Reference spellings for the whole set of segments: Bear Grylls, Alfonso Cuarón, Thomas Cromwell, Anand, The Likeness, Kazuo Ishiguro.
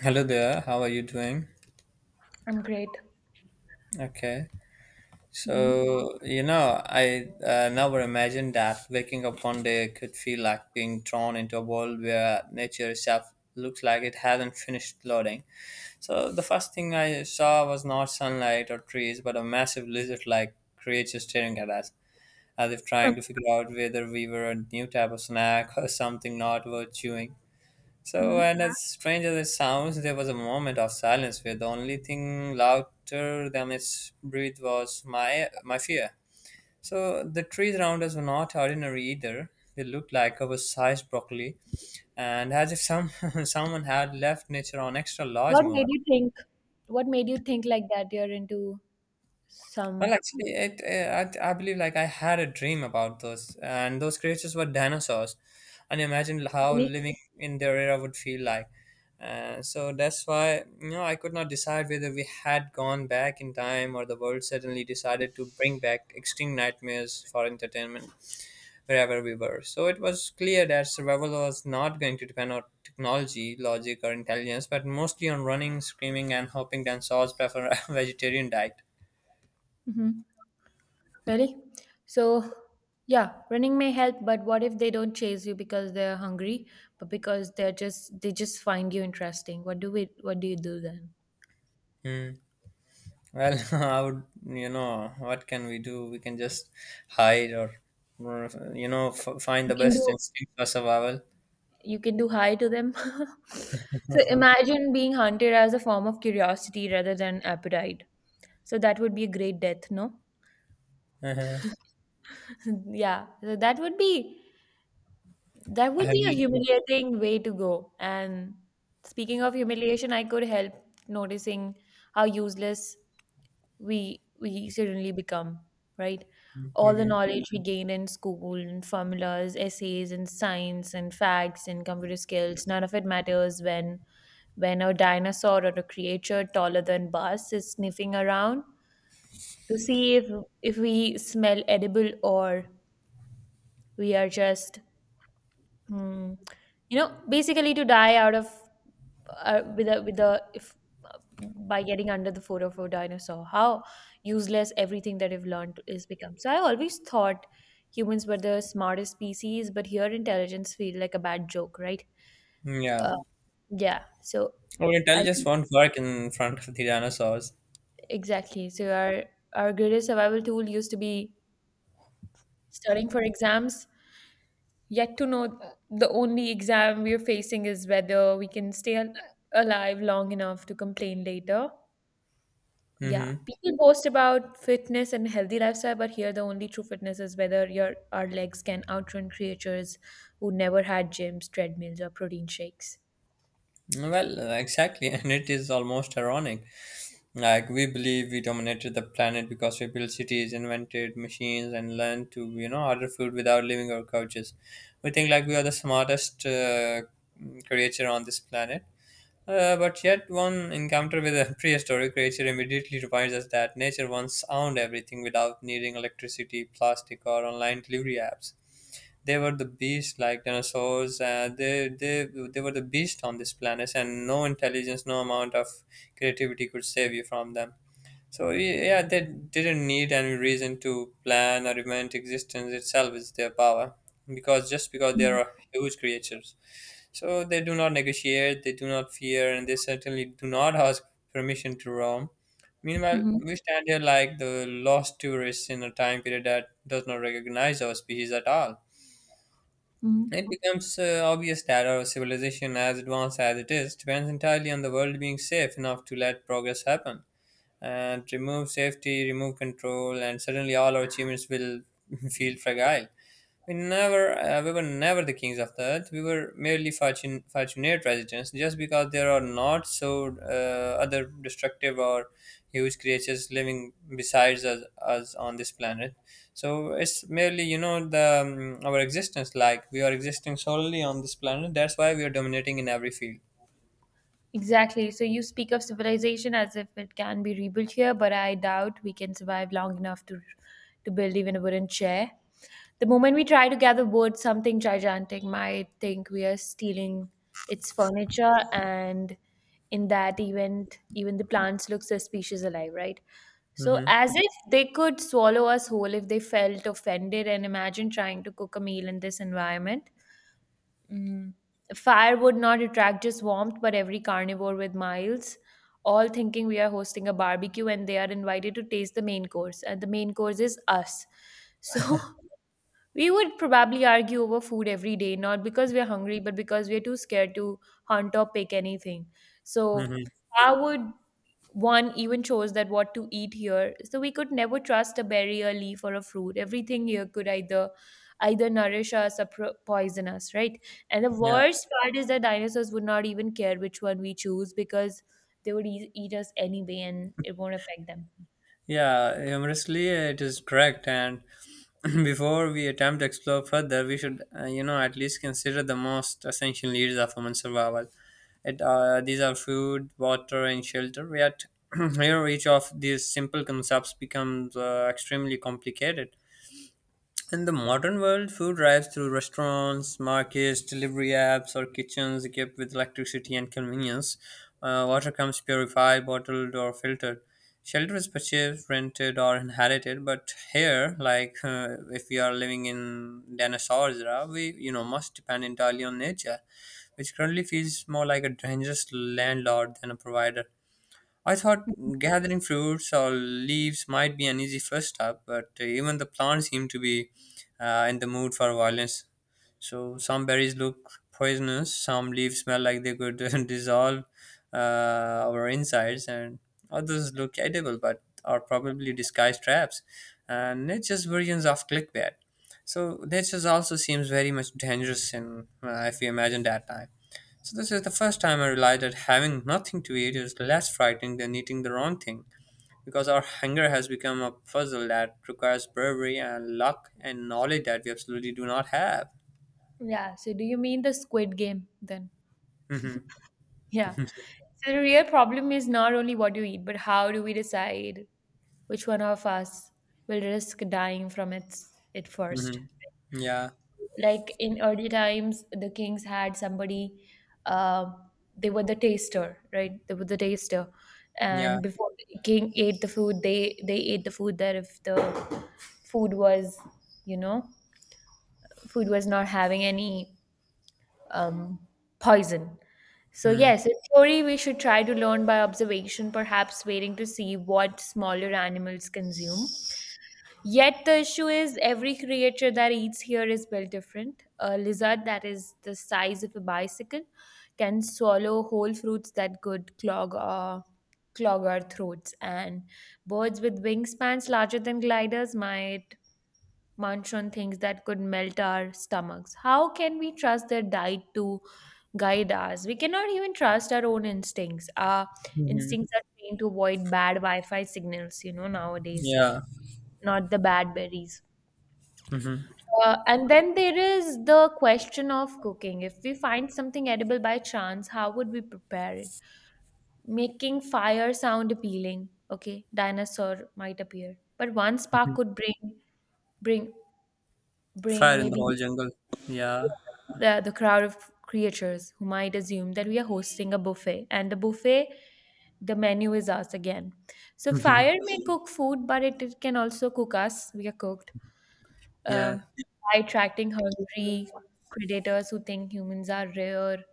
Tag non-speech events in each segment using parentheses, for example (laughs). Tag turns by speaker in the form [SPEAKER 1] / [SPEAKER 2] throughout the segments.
[SPEAKER 1] Hello there, how are you doing?
[SPEAKER 2] I'm great.
[SPEAKER 1] Okay,
[SPEAKER 2] hmm
[SPEAKER 1] so I never imagined that waking up one day could feel like being drawn into a world where nature itself looks like it hasn't finished loading. So, the first thing I saw was not sunlight or trees, but a massive lizard like creature staring at us, as if trying to figure out whether we were a new type of snack (laughs) or something not worth chewing. So,
[SPEAKER 2] hmm
[SPEAKER 1] and as strange as it sounds, there was a moment of silence where the only thing louder than its breath was my fear. So the trees around us were not ordinary either. They looked like oversized broccoli, and as if some (laughs) someone had left nature on extra large
[SPEAKER 2] What made
[SPEAKER 1] mode.
[SPEAKER 2] you think? What made you think like that? You're into
[SPEAKER 1] Well,
[SPEAKER 2] some
[SPEAKER 1] actually, it I believe like I had a dream about those, and those creatures were dinosaurs, and imagine how
[SPEAKER 2] really,
[SPEAKER 1] living in their era would feel like. So that's why I could not decide whether we had gone back in time or the world suddenly decided to bring back extreme nightmares for entertainment wherever we were. So it was clear that survival was not going to depend on technology, logic, or intelligence, but mostly on running, screaming, and hoping dinosaurs prefer a (laughs) vegetarian diet.
[SPEAKER 2] hmm really. So yeah, running may help, but what if they don't chase you because they're hungry, but because they're just they just find you interesting? What do we? What do you do then?
[SPEAKER 1] Hmm. Well, (laughs) I would, what can we do? We can just hide or find
[SPEAKER 2] You
[SPEAKER 1] the
[SPEAKER 2] can
[SPEAKER 1] best
[SPEAKER 2] do
[SPEAKER 1] instinct for survival.
[SPEAKER 2] you can do hi to them. (laughs)
[SPEAKER 1] (laughs)
[SPEAKER 2] So
[SPEAKER 1] Uh-huh.
[SPEAKER 2] imagine being hunted as a form of curiosity rather than appetite. So that would be a great death, no?
[SPEAKER 1] Uh-huh.
[SPEAKER 2] (laughs) Yeah, so that would
[SPEAKER 1] I
[SPEAKER 2] be a
[SPEAKER 1] mean,
[SPEAKER 2] humiliating way to go. And speaking of humiliation, I could help noticing how useless we suddenly become, right? All the
[SPEAKER 1] mhm.
[SPEAKER 2] knowledge we gain in school and formulas, essays and science and facts and computer skills, none of it matters when a dinosaur or a creature taller than us is sniffing around to see if we smell edible or we are just Hmm. Basically to die out of with a if by getting under the foot of a dinosaur, how useless everything that we've learned is become. So I always thought humans were the smartest species, but here intelligence feel like a bad joke, right?
[SPEAKER 1] Yeah.
[SPEAKER 2] Uh, yeah. So
[SPEAKER 1] Our
[SPEAKER 2] I
[SPEAKER 1] intelligence
[SPEAKER 2] think
[SPEAKER 1] won't work in front of the dinosaurs.
[SPEAKER 2] exactly. So our greatest survival tool used to be studying for exams. Yet to know the only exam we are facing is whether we can stay alive long enough to complain later. Yeah,
[SPEAKER 1] Mm-hmm.
[SPEAKER 2] people boast about fitness and healthy lifestyle, but here the only true fitness is whether your our legs can outrun creatures who never had gyms, treadmills, or protein shakes.
[SPEAKER 1] Well, exactly, (laughs) and it is almost ironic. Like we believe we dominated the planet because we built cities, invented machines, and learned to order food without leaving our couches. We think like we are the smartest creature on this planet. But yet, one encounter with a (laughs) prehistoric creature immediately reminds us that nature once owned everything without needing electricity, plastic, or online delivery apps. They were the beast, like dinosaurs. They were the beast on this planet, and no intelligence, no amount of creativity could save you from them. So yeah, they didn't need any reason to plan or invent existence itself is their power, because just because they are huge creatures, so they do not negotiate, they do not fear, and they certainly do not ask permission to roam. Meanwhile,
[SPEAKER 2] Mm-hmm.
[SPEAKER 1] we stand here like the lost tourists in a time period that does not recognize our species at all. It becomes obvious that our civilization, as advanced as it is, depends entirely on the world being safe enough to let progress happen and remove safety, remove control, and suddenly all our achievements will (laughs) feel fragile. We were never the kings of the earth. We were merely fortunate residents. Just because there are not so other destructive or huge creatures living besides us on this planet, so it's merely the our existence. Like we are existing solely on this planet. That's why we are dominating in every field.
[SPEAKER 2] Exactly. So you speak of civilization as if it can be rebuilt here, but I doubt we can survive long enough to build even a wooden chair. The moment we try to gather wood, something gigantic might think we are stealing its furniture, and in that event, even the plants look suspicious alive, right? So
[SPEAKER 1] Mm-hmm.
[SPEAKER 2] as if they could swallow us whole if they felt offended, and imagine trying to cook a meal in this environment. Mm. Fire would not attract just warmth, but every carnivore with miles, all thinking we are hosting a barbecue, and they are invited to taste the main course. And the main course is us. So (laughs) we would probably argue over food every day, not because we're hungry, but because we're too scared to hunt or pick anything. So
[SPEAKER 1] Mm-hmm.
[SPEAKER 2] I would one even chose that what to eat here. So we could never trust a berry, a leaf, or a fruit. Everything here could either nourish us or poison us, right? And the
[SPEAKER 1] Yeah.
[SPEAKER 2] worst part is that dinosaurs would not even care which one we choose because they would eat us anyway, and it won't affect them.
[SPEAKER 1] Yeah, humorously, it is correct. And (clears throat) before we attempt to explore further, we should, at least consider the most essential needs of human survival. These are food, water, and shelter. Yet, (clears throat) here, each of these simple concepts becomes extremely complicated. In the modern world, food arrives through restaurants, markets, delivery apps, or kitchens equipped with electricity and convenience. Water comes purified, bottled, or filtered. Shelter is purchased, rented, or inherited. But here, if we are living in dinosaurs era, we must depend entirely on nature, which currently feels more like a dangerous landlord than a provider. I thought gathering fruits or leaves might be an easy first step, but even the plants seem to be in the mood for violence. So some berries look poisonous, some leaves smell like they could (laughs) dissolve uh, our insides, and others look edible but are probably disguised traps. And nature's versions of clickbait. So nature also seems very much dangerous if you imagine that time. So this is the first time I realized that having nothing to eat is less frightening than eating the wrong thing, because our hunger has become a puzzle that requires bravery and luck and knowledge that we absolutely do not have.
[SPEAKER 2] Yeah. So do you mean the squid game then?
[SPEAKER 1] Hmm.
[SPEAKER 2] Yeah. So the real problem is not only what you eat, but how do we decide which one of us will risk dying from its it first?
[SPEAKER 1] Hmm. Yeah,
[SPEAKER 2] Like in early times the kings had somebody, uh, they were the taster, right? they were the taster
[SPEAKER 1] yeah.
[SPEAKER 2] and before the king ate the food, they ate the food there. If the food was, you know, food was not having any um, poison. So
[SPEAKER 1] Mm-hmm.
[SPEAKER 2] yes, in theory we should try to learn by observation, perhaps waiting to see what smaller animals consume. Yet the issue is every creature that eats here is built different. A lizard that is the size of a bicycle can swallow whole fruits that could clog our throats, and birds with wingspans larger than gliders might munch on things that could melt our stomachs. How can we trust their diet to guide us? We cannot even trust our own instincts. Our
[SPEAKER 1] Mm-hmm.
[SPEAKER 2] instincts are trained to avoid bad Wi-Fi signals, you know, nowadays,
[SPEAKER 1] Yeah.
[SPEAKER 2] not the bad berries.
[SPEAKER 1] Hmm.
[SPEAKER 2] And then there is the question of cooking. If we find something edible by chance, how would we prepare it? Making fire sound appealing. Okay, dinosaur might appear, but one spark could bring bring
[SPEAKER 1] Fire in the
[SPEAKER 2] maybe
[SPEAKER 1] whole jungle. Yeah.
[SPEAKER 2] the crowd of creatures who might assume that we are hosting a buffet, and the menu is us again. So fire may cook food, but it can also cook us. We are cooked.
[SPEAKER 1] (laughs) Yeah.
[SPEAKER 2] um, by attracting hungry predators who think humans are rare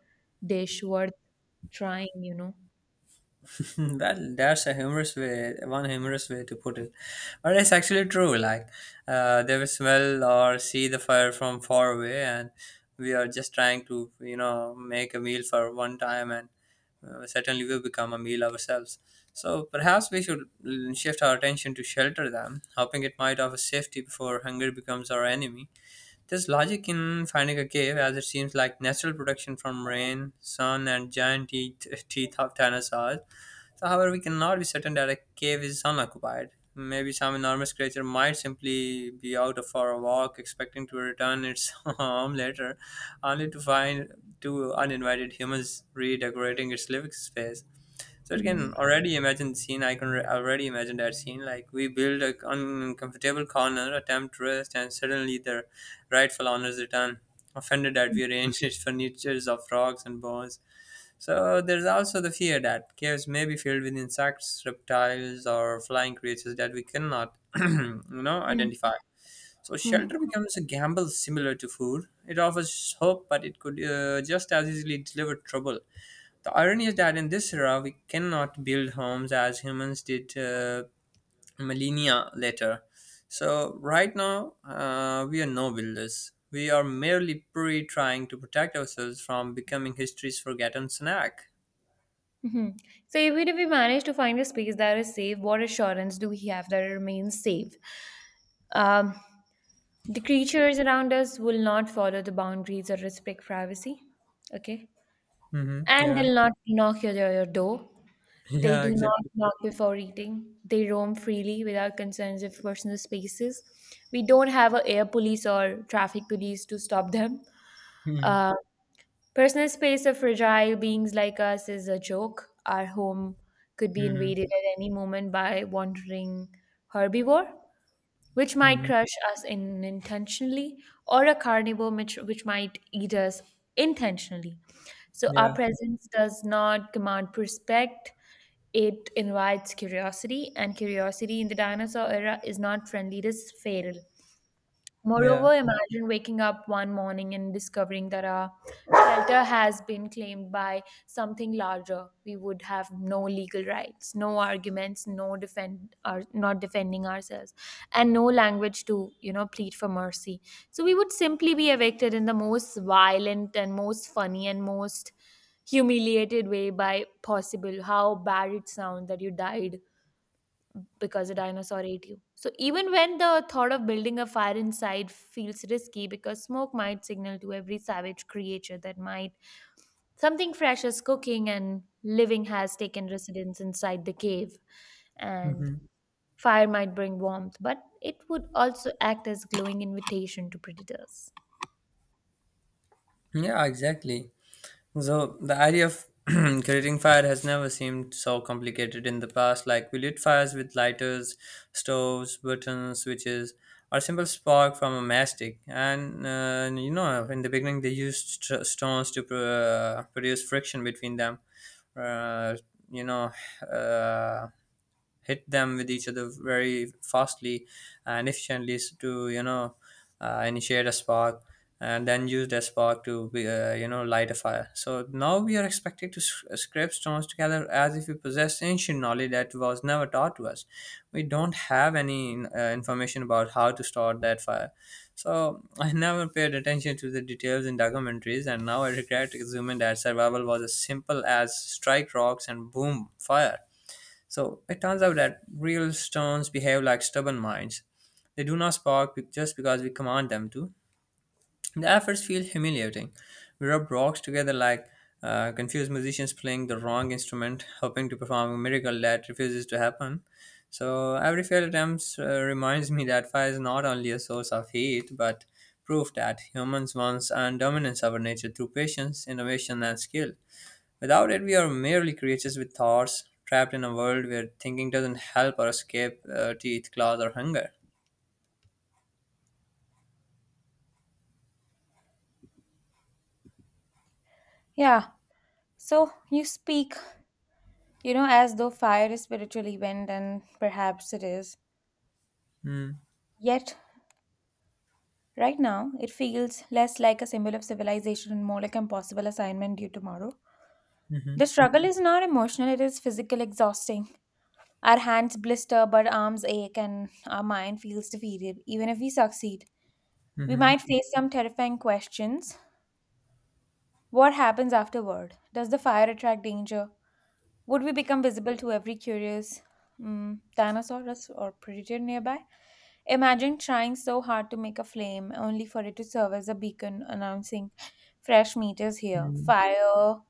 [SPEAKER 2] dish worth trying, you know.
[SPEAKER 1] (laughs) Well, that's a humorous way, one humorous way to put it. But it's actually true. Like, they will smell or see the fire from far away, and we are just trying to, make a meal for one time, and certainly we become a meal ourselves. So perhaps we should shift our attention to shelter them, hoping it might offer safety before hunger becomes our enemy. There's logic in finding a cave, as it seems like natural protection from rain, sun, and giant teeth, (laughs) teeth of dinosaurs. So, however, we cannot be certain that a cave is unoccupied. Maybe some enormous creature might simply be out for a walk, expecting to return its (laughs) home later, only to find two uninvited humans redecorating its living space. So it
[SPEAKER 2] Mhm.
[SPEAKER 1] can already imagine the scene. I can already imagine that scene. Like we build a uncomfortable corner, attempt rest, and suddenly the rightful owners return, offended that we arranged (laughs) its furnitures of rocks and bones. So there's also the fear that caves may be filled with insects, reptiles, or flying creatures that we cannot, (clears throat)
[SPEAKER 2] Mhm.
[SPEAKER 1] identify. So
[SPEAKER 2] Mhm.
[SPEAKER 1] shelter becomes a gamble similar to food. It offers hope, but it could just as easily deliver trouble. The irony is that in this era, we cannot build homes as humans did millennia later. So right now, we are no builders. We are merely pre trying to protect ourselves from becoming history's forgotten snack.
[SPEAKER 2] Mhm. So, even if we manage to find a space that is safe, what assurance do we have that it remains safe? Um, the creatures around us will not follow the boundaries or respect privacy, okay?
[SPEAKER 1] Mm-hmm.
[SPEAKER 2] And
[SPEAKER 1] Yeah.
[SPEAKER 2] they'll not knock your door.
[SPEAKER 1] (laughs)
[SPEAKER 2] They
[SPEAKER 1] Yeah,
[SPEAKER 2] do not
[SPEAKER 1] exactly.
[SPEAKER 2] knock before eating. They roam freely without concerns of personal spaces. We don't have a air police or traffic police to stop them.
[SPEAKER 1] Mm-hmm.
[SPEAKER 2] Uh, Personal space of fragile beings like us is a joke. Our home could be
[SPEAKER 1] Mm-hmm.
[SPEAKER 2] invaded at any moment by wandering herbivore which might
[SPEAKER 1] Mm-hmm.
[SPEAKER 2] crush us in intentionally, or a carnivore which might eat us intentionally. So our
[SPEAKER 1] Yeah.
[SPEAKER 2] presence does not command respect, it invites curiosity, and curiosity in the dinosaur era is not friendly, it is feral.
[SPEAKER 1] Yeah.
[SPEAKER 2] Moreover, imagine waking up one morning and discovering that our shelter has been claimed by something larger. We would have no legal rights, no arguments, no defend or not defending ourselves, and no language to, you know, plead for mercy. So we would simply be evicted in the most violent and most funny and most humiliated way by possible. How bad it sounds that you died because a dinosaur ate you. So even when the thought of building a fire inside feels risky because smoke might signal to every savage creature that might something fresh is cooking and living has taken residence inside the cave. And
[SPEAKER 1] Mm-hmm.
[SPEAKER 2] fire might bring warmth, but it would also act as glowing invitation to predators.
[SPEAKER 1] Yeah, exactly. So the idea of (clears throat) creating fire has never seemed so complicated in the past. Like we lit fires with lighters, stoves, buttons, switches, or simple spark from a matchstick. And in the beginning, they used stones to produce friction between them. Uh, you know, uh, hit them with each other very fastly and efficiently to initiate a spark and then use that spark to be, you know light a fire. So now we are expected to scrape stones together as if we possess ancient knowledge that was never taught to us. We don't have any information about how to start that fire. So (laughs) I never paid attention to the details in documentaries, and now I regret assuming that survival was as simple as strike rocks and boom fire. So it turns out that real stones behave like stubborn minds. They do not spark just because we command them to. The efforts feel humiliating. We rub rocks together like confused musicians playing the wrong instrument, hoping to perform a miracle that refuses to happen. So every failed attempt reminds me that fire is not only a source of heat, but proof that humans once earned dominance over nature through patience, innovation, and skill. Without it, we are merely creatures with thoughts, trapped in a world where thinking doesn't help or escape teeth, claws, or hunger.
[SPEAKER 2] Yeah. So you speak, you know, as though fire is spiritual event, and perhaps it is.
[SPEAKER 1] Mm,
[SPEAKER 2] Yet right now, it feels less like a symbol of civilization and more like an impossible assignment due tomorrow. The
[SPEAKER 1] mhm,
[SPEAKER 2] struggle is not emotional, it is physical exhausting. Our hands blister, but arms ache, and our mind feels defeated. Even if we succeed, we
[SPEAKER 1] mhm,
[SPEAKER 2] might face some terrifying questions. What happens afterward? Does the fire attract danger? Would we become visible to every curious Tyrannosaurus or predator nearby? Imagine trying so hard to make a flame only for it to serve as a beacon announcing fresh meat is here.
[SPEAKER 1] mm,
[SPEAKER 2] Fire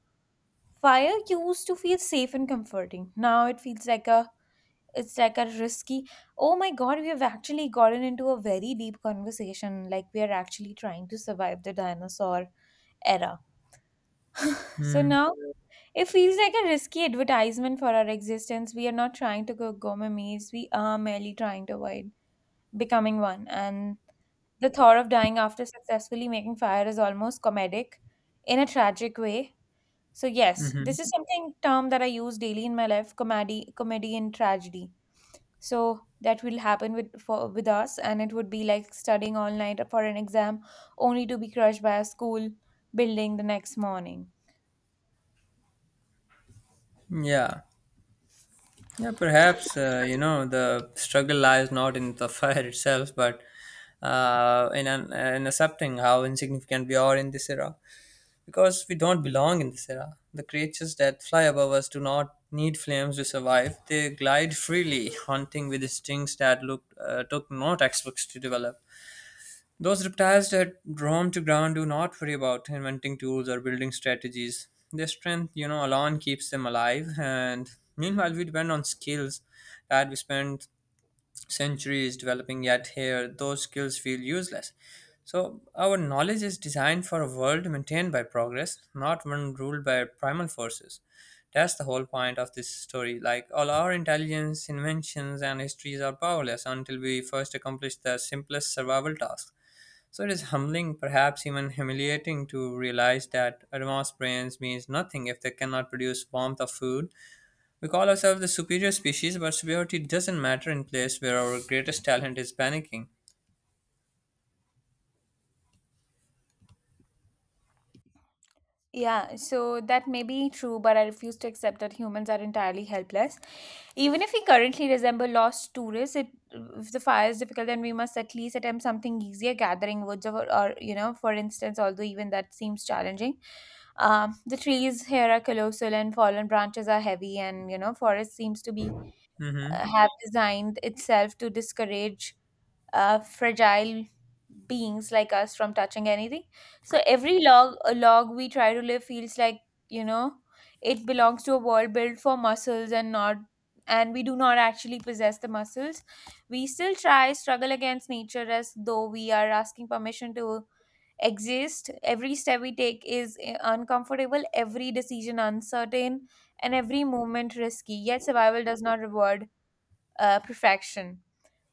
[SPEAKER 2] fire used to feel safe and comforting. Now it feels like a it's like a risky, oh my god, we have actually gotten into a very deep conversation like we are actually trying to survive the dinosaur era. So
[SPEAKER 1] mm,
[SPEAKER 2] now it feels like a risky advertisement for our existence. We are not trying to cook gourmet meals, we are merely trying to avoid becoming one. And the thought of dying after successfully making fire is almost comedic in a tragic way. So yes,
[SPEAKER 1] mhm.
[SPEAKER 2] this is something term that I use daily in my life, comedy and tragedy. So that will happen with for with us and it would be like studying all night for an exam only to be crushed by a school building the next morning.
[SPEAKER 1] Yeah. Yeah, perhaps, the struggle lies not in the fire (laughs) itself, but in accepting how insignificant we are in this era. Because we don't belong in this era. The creatures that fly above us do not need flames to survive. They glide freely, hunting with instincts that took no textbooks to develop. Those reptiles that roam to ground do not worry about inventing tools or building strategies. Their strength, alone keeps them alive. And meanwhile, we depend on skills that we spend centuries developing, yet here those skills feel useless. So, our knowledge is designed for a world maintained by progress, not one ruled by primal forces. That's the whole point of this story. Like, all our intelligence, inventions, and histories are powerless until we first accomplish the simplest survival task. So, it is humbling, perhaps even humiliating, to realize that advanced brains means nothing if they cannot produce warmth of food we call ourselves the superior species, but superiority doesn't matter in place where our greatest talent is panicking.
[SPEAKER 2] Yeah, so that may be true, but I refuse to accept that humans are entirely helpless. Even if we currently resemble lost tourists, it, if the fire is difficult, then we must at least attempt something easier, gathering woods or you know, for instance, although even that seems challenging. The trees here are colossal and fallen branches are heavy, and you know, forest seems to be
[SPEAKER 1] Hmm.
[SPEAKER 2] have designed itself to discourage fragile beings like us from touching anything. So every log we try to live feels like, you know, it belongs to a world built for muscles and not and we do not actually possess the muscles. We still try struggle against nature as though we are asking permission to exist. Every step we take is uncomfortable, every decision uncertain, and every movement risky. Yet survival does not reward perfection.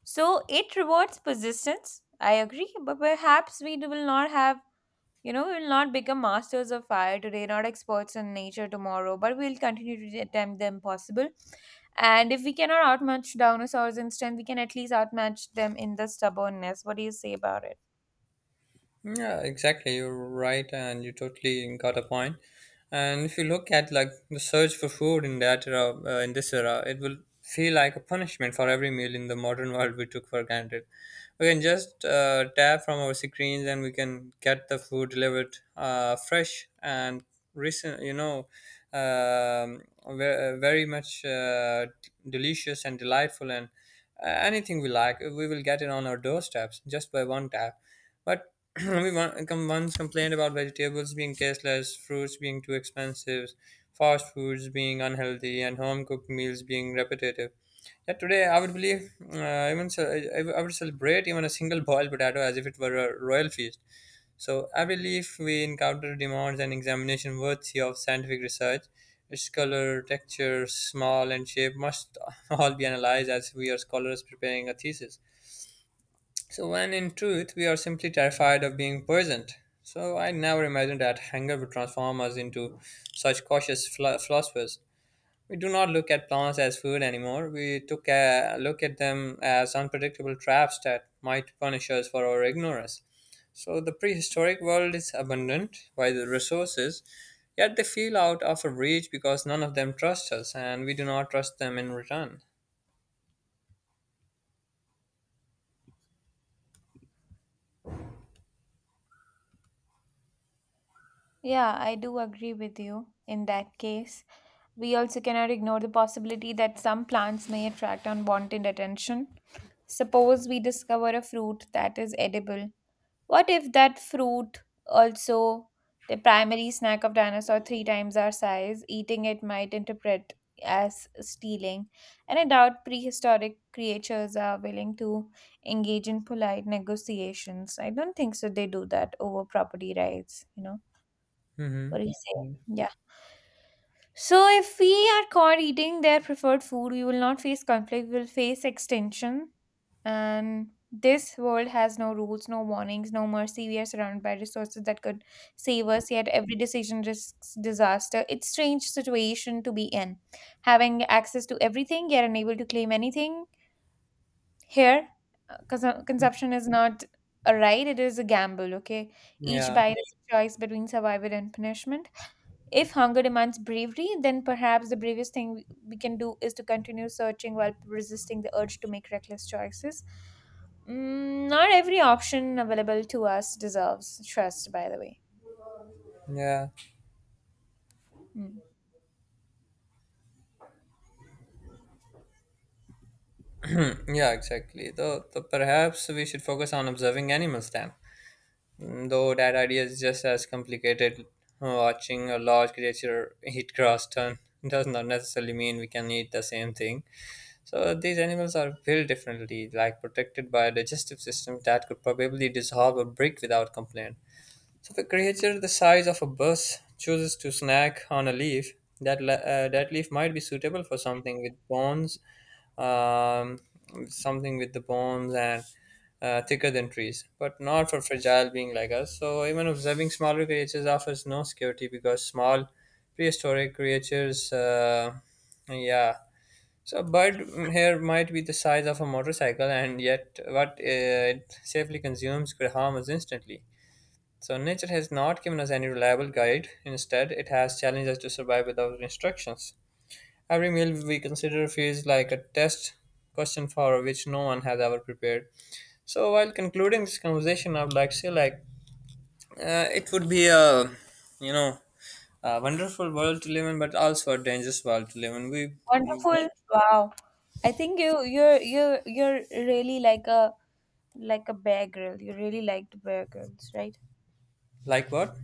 [SPEAKER 2] So it rewards persistence. I agree, but perhaps we will not have, you know, we will not become masters of fire today, not experts in nature tomorrow, but we'll continue to attempt the impossible. And if we cannot outmatch dinosaurs in strength, we can at least outmatch them in the stubbornness. What do you say about it?
[SPEAKER 1] Yeah, exactly. You're right, and you totally got a point. And if you look at like the search for food in that era, in this era, it will feel like a punishment for every meal in the modern world we took for granted. We can just tap from our screens, and we can get the food delivered fresh and recent. um, very much delicious and delightful, and anything we like, we will get it on our doorsteps just by one tap, but (clears throat) we one, come once complained about vegetables being tasteless, fruits being too expensive, fast foods being unhealthy, and home cooked meals being repetitive. Yet today, I would believe, even so, I would celebrate even a single boiled potato as if it were a royal feast. So I believe we encounter demands and examination worthy of scientific research. Its color, texture, smell, and shape must (laughs) all be analyzed as we are scholars preparing a thesis. So, when in truth, we are simply terrified of being present. So, I never imagined that hunger would transform us into such cautious philosophers. We do not look at plants as food anymore. We took a look at them as unpredictable traps that might punish us for our ignorance. So, the prehistoric world is abundant by the resources, yet they feel out of our reach because none of them trust us and we do not trust them in return.
[SPEAKER 2] Yeah, I do agree with you. In that case, we also cannot ignore the possibility that some plants may attract unwanted attention. Suppose we discover a fruit that is edible. What if that fruit also the primary snack of dinosaur three times our size? Eating it might interpret as stealing, and I doubt prehistoric creatures are willing to engage in polite negotiations. I don't think so. They do that over property rights. You know
[SPEAKER 1] Hmm.
[SPEAKER 2] what do you say? Yeah. So if we are caught eating their preferred food, we will not face conflict. We'll face extinction and this world has no rules, no warnings, no mercy. We are surrounded by resources that could save us, yet every decision risks disaster. It's strange situation to be in. Having access to everything, yet unable to claim anything. Here, consumption is not a right, it is a gamble, okay? Each
[SPEAKER 1] Yeah.
[SPEAKER 2] bite is a choice between survival and punishment. If hunger demands bravery, then perhaps the bravest thing we can do is to continue searching while resisting the urge to make reckless choices. Not every option available to us deserves trust, by the way.
[SPEAKER 1] Yeah.
[SPEAKER 2] Mm.
[SPEAKER 1] Yeah, exactly. Though perhaps we should focus on observing animals then. Mm. Though that idea is just as complicated. Watching a large creature eat grass turn (laughs) does not necessarily mean we can eat the same thing. So these animals are built differently, like protected by a digestive system that could probably dissolve a brick without complaint. So if a creature the size of a bus chooses to snack on a leaf, that leaf might be suitable for something with bones, um, something with the bones and thicker than trees, but not for fragile being like us. So even observing smaller creatures offers no security because small prehistoric creatures, yeah. So a bird here might be the size of a motorcycle, and yet what it safely consumes could harm us instantly. So nature has not given us any reliable guide. Instead, it has challenged us to survive without instructions. Every meal we consider feels like a test question for which no one has ever prepared. So while concluding this conversation, I would like to say, it would be a, you know a wonderful world to live in, but also a dangerous world to live in. We
[SPEAKER 2] Wonderful.
[SPEAKER 1] want
[SPEAKER 2] Wow. I think you're really like a bear girl. You really liked bear girls, right?
[SPEAKER 1] like what?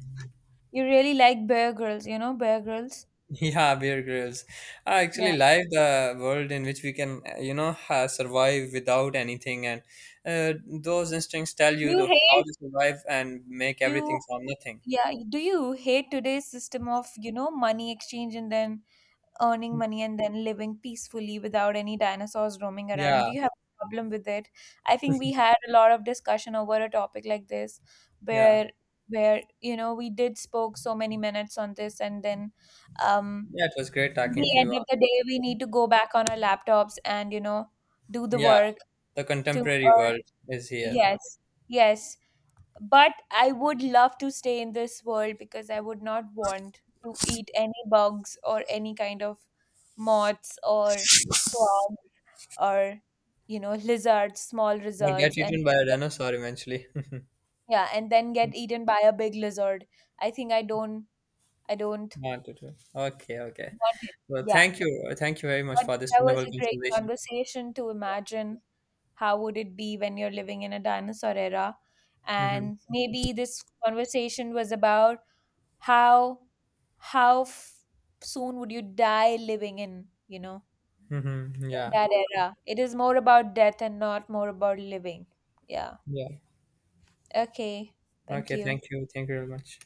[SPEAKER 2] You really like bear girls, you know, bear girls.
[SPEAKER 1] (laughs) Yeah, Bear Grylls. I actually
[SPEAKER 2] Yeah.
[SPEAKER 1] like the world in which we can, you know, ha survive without anything, and those instincts tell you
[SPEAKER 2] You
[SPEAKER 1] to how
[SPEAKER 2] hate
[SPEAKER 1] to survive and make
[SPEAKER 2] you
[SPEAKER 1] everything from nothing.
[SPEAKER 2] Yeah, do you hate today's system of, you know, money exchange and then earning money and then living peacefully without any dinosaurs roaming around.
[SPEAKER 1] Yeah,
[SPEAKER 2] Do you have a problem with it? I think we had a lot of discussion over a topic like this
[SPEAKER 1] yeah,
[SPEAKER 2] where where you know we did spoke so many minutes on this and then um
[SPEAKER 1] yeah. It was great
[SPEAKER 2] in
[SPEAKER 1] talking
[SPEAKER 2] the
[SPEAKER 1] to you,
[SPEAKER 2] end of the
[SPEAKER 1] Anand.
[SPEAKER 2] day we need to go back on our laptops and you know do the
[SPEAKER 1] Yeah,
[SPEAKER 2] work
[SPEAKER 1] the
[SPEAKER 2] to
[SPEAKER 1] contemporary
[SPEAKER 2] earn.
[SPEAKER 1] world is here. Okay.
[SPEAKER 2] Yes, yes, but I would love to stay in this world because I would not want to eat any bugs or any kind of moths or frogs or, you know, lizards, small
[SPEAKER 1] Or get
[SPEAKER 2] lizards, and
[SPEAKER 1] eaten by a dinosaur eventually. (laughs)
[SPEAKER 2] yeah, and then get eaten by a big lizard. I think I don't
[SPEAKER 1] One, two, three. Okay, okay.
[SPEAKER 2] want it.
[SPEAKER 1] Well,
[SPEAKER 2] Yeah.
[SPEAKER 1] thank you very much
[SPEAKER 2] But
[SPEAKER 1] for this
[SPEAKER 2] that was
[SPEAKER 1] wonderful
[SPEAKER 2] a great
[SPEAKER 1] conversation.
[SPEAKER 2] conversation to
[SPEAKER 1] Yeah.
[SPEAKER 2] imagine how would it be when you're living in a dinosaur era.
[SPEAKER 1] Mm-hmm.
[SPEAKER 2] And maybe this conversation was about how how soon would you die living in, you know,
[SPEAKER 1] Mm-hmm.
[SPEAKER 2] in
[SPEAKER 1] Yeah.
[SPEAKER 2] that era. It is more about death and not more about living. Yeah.
[SPEAKER 1] Yeah.
[SPEAKER 2] Okay, thank
[SPEAKER 1] Okay.
[SPEAKER 2] you.
[SPEAKER 1] Thank you. Thank you very much.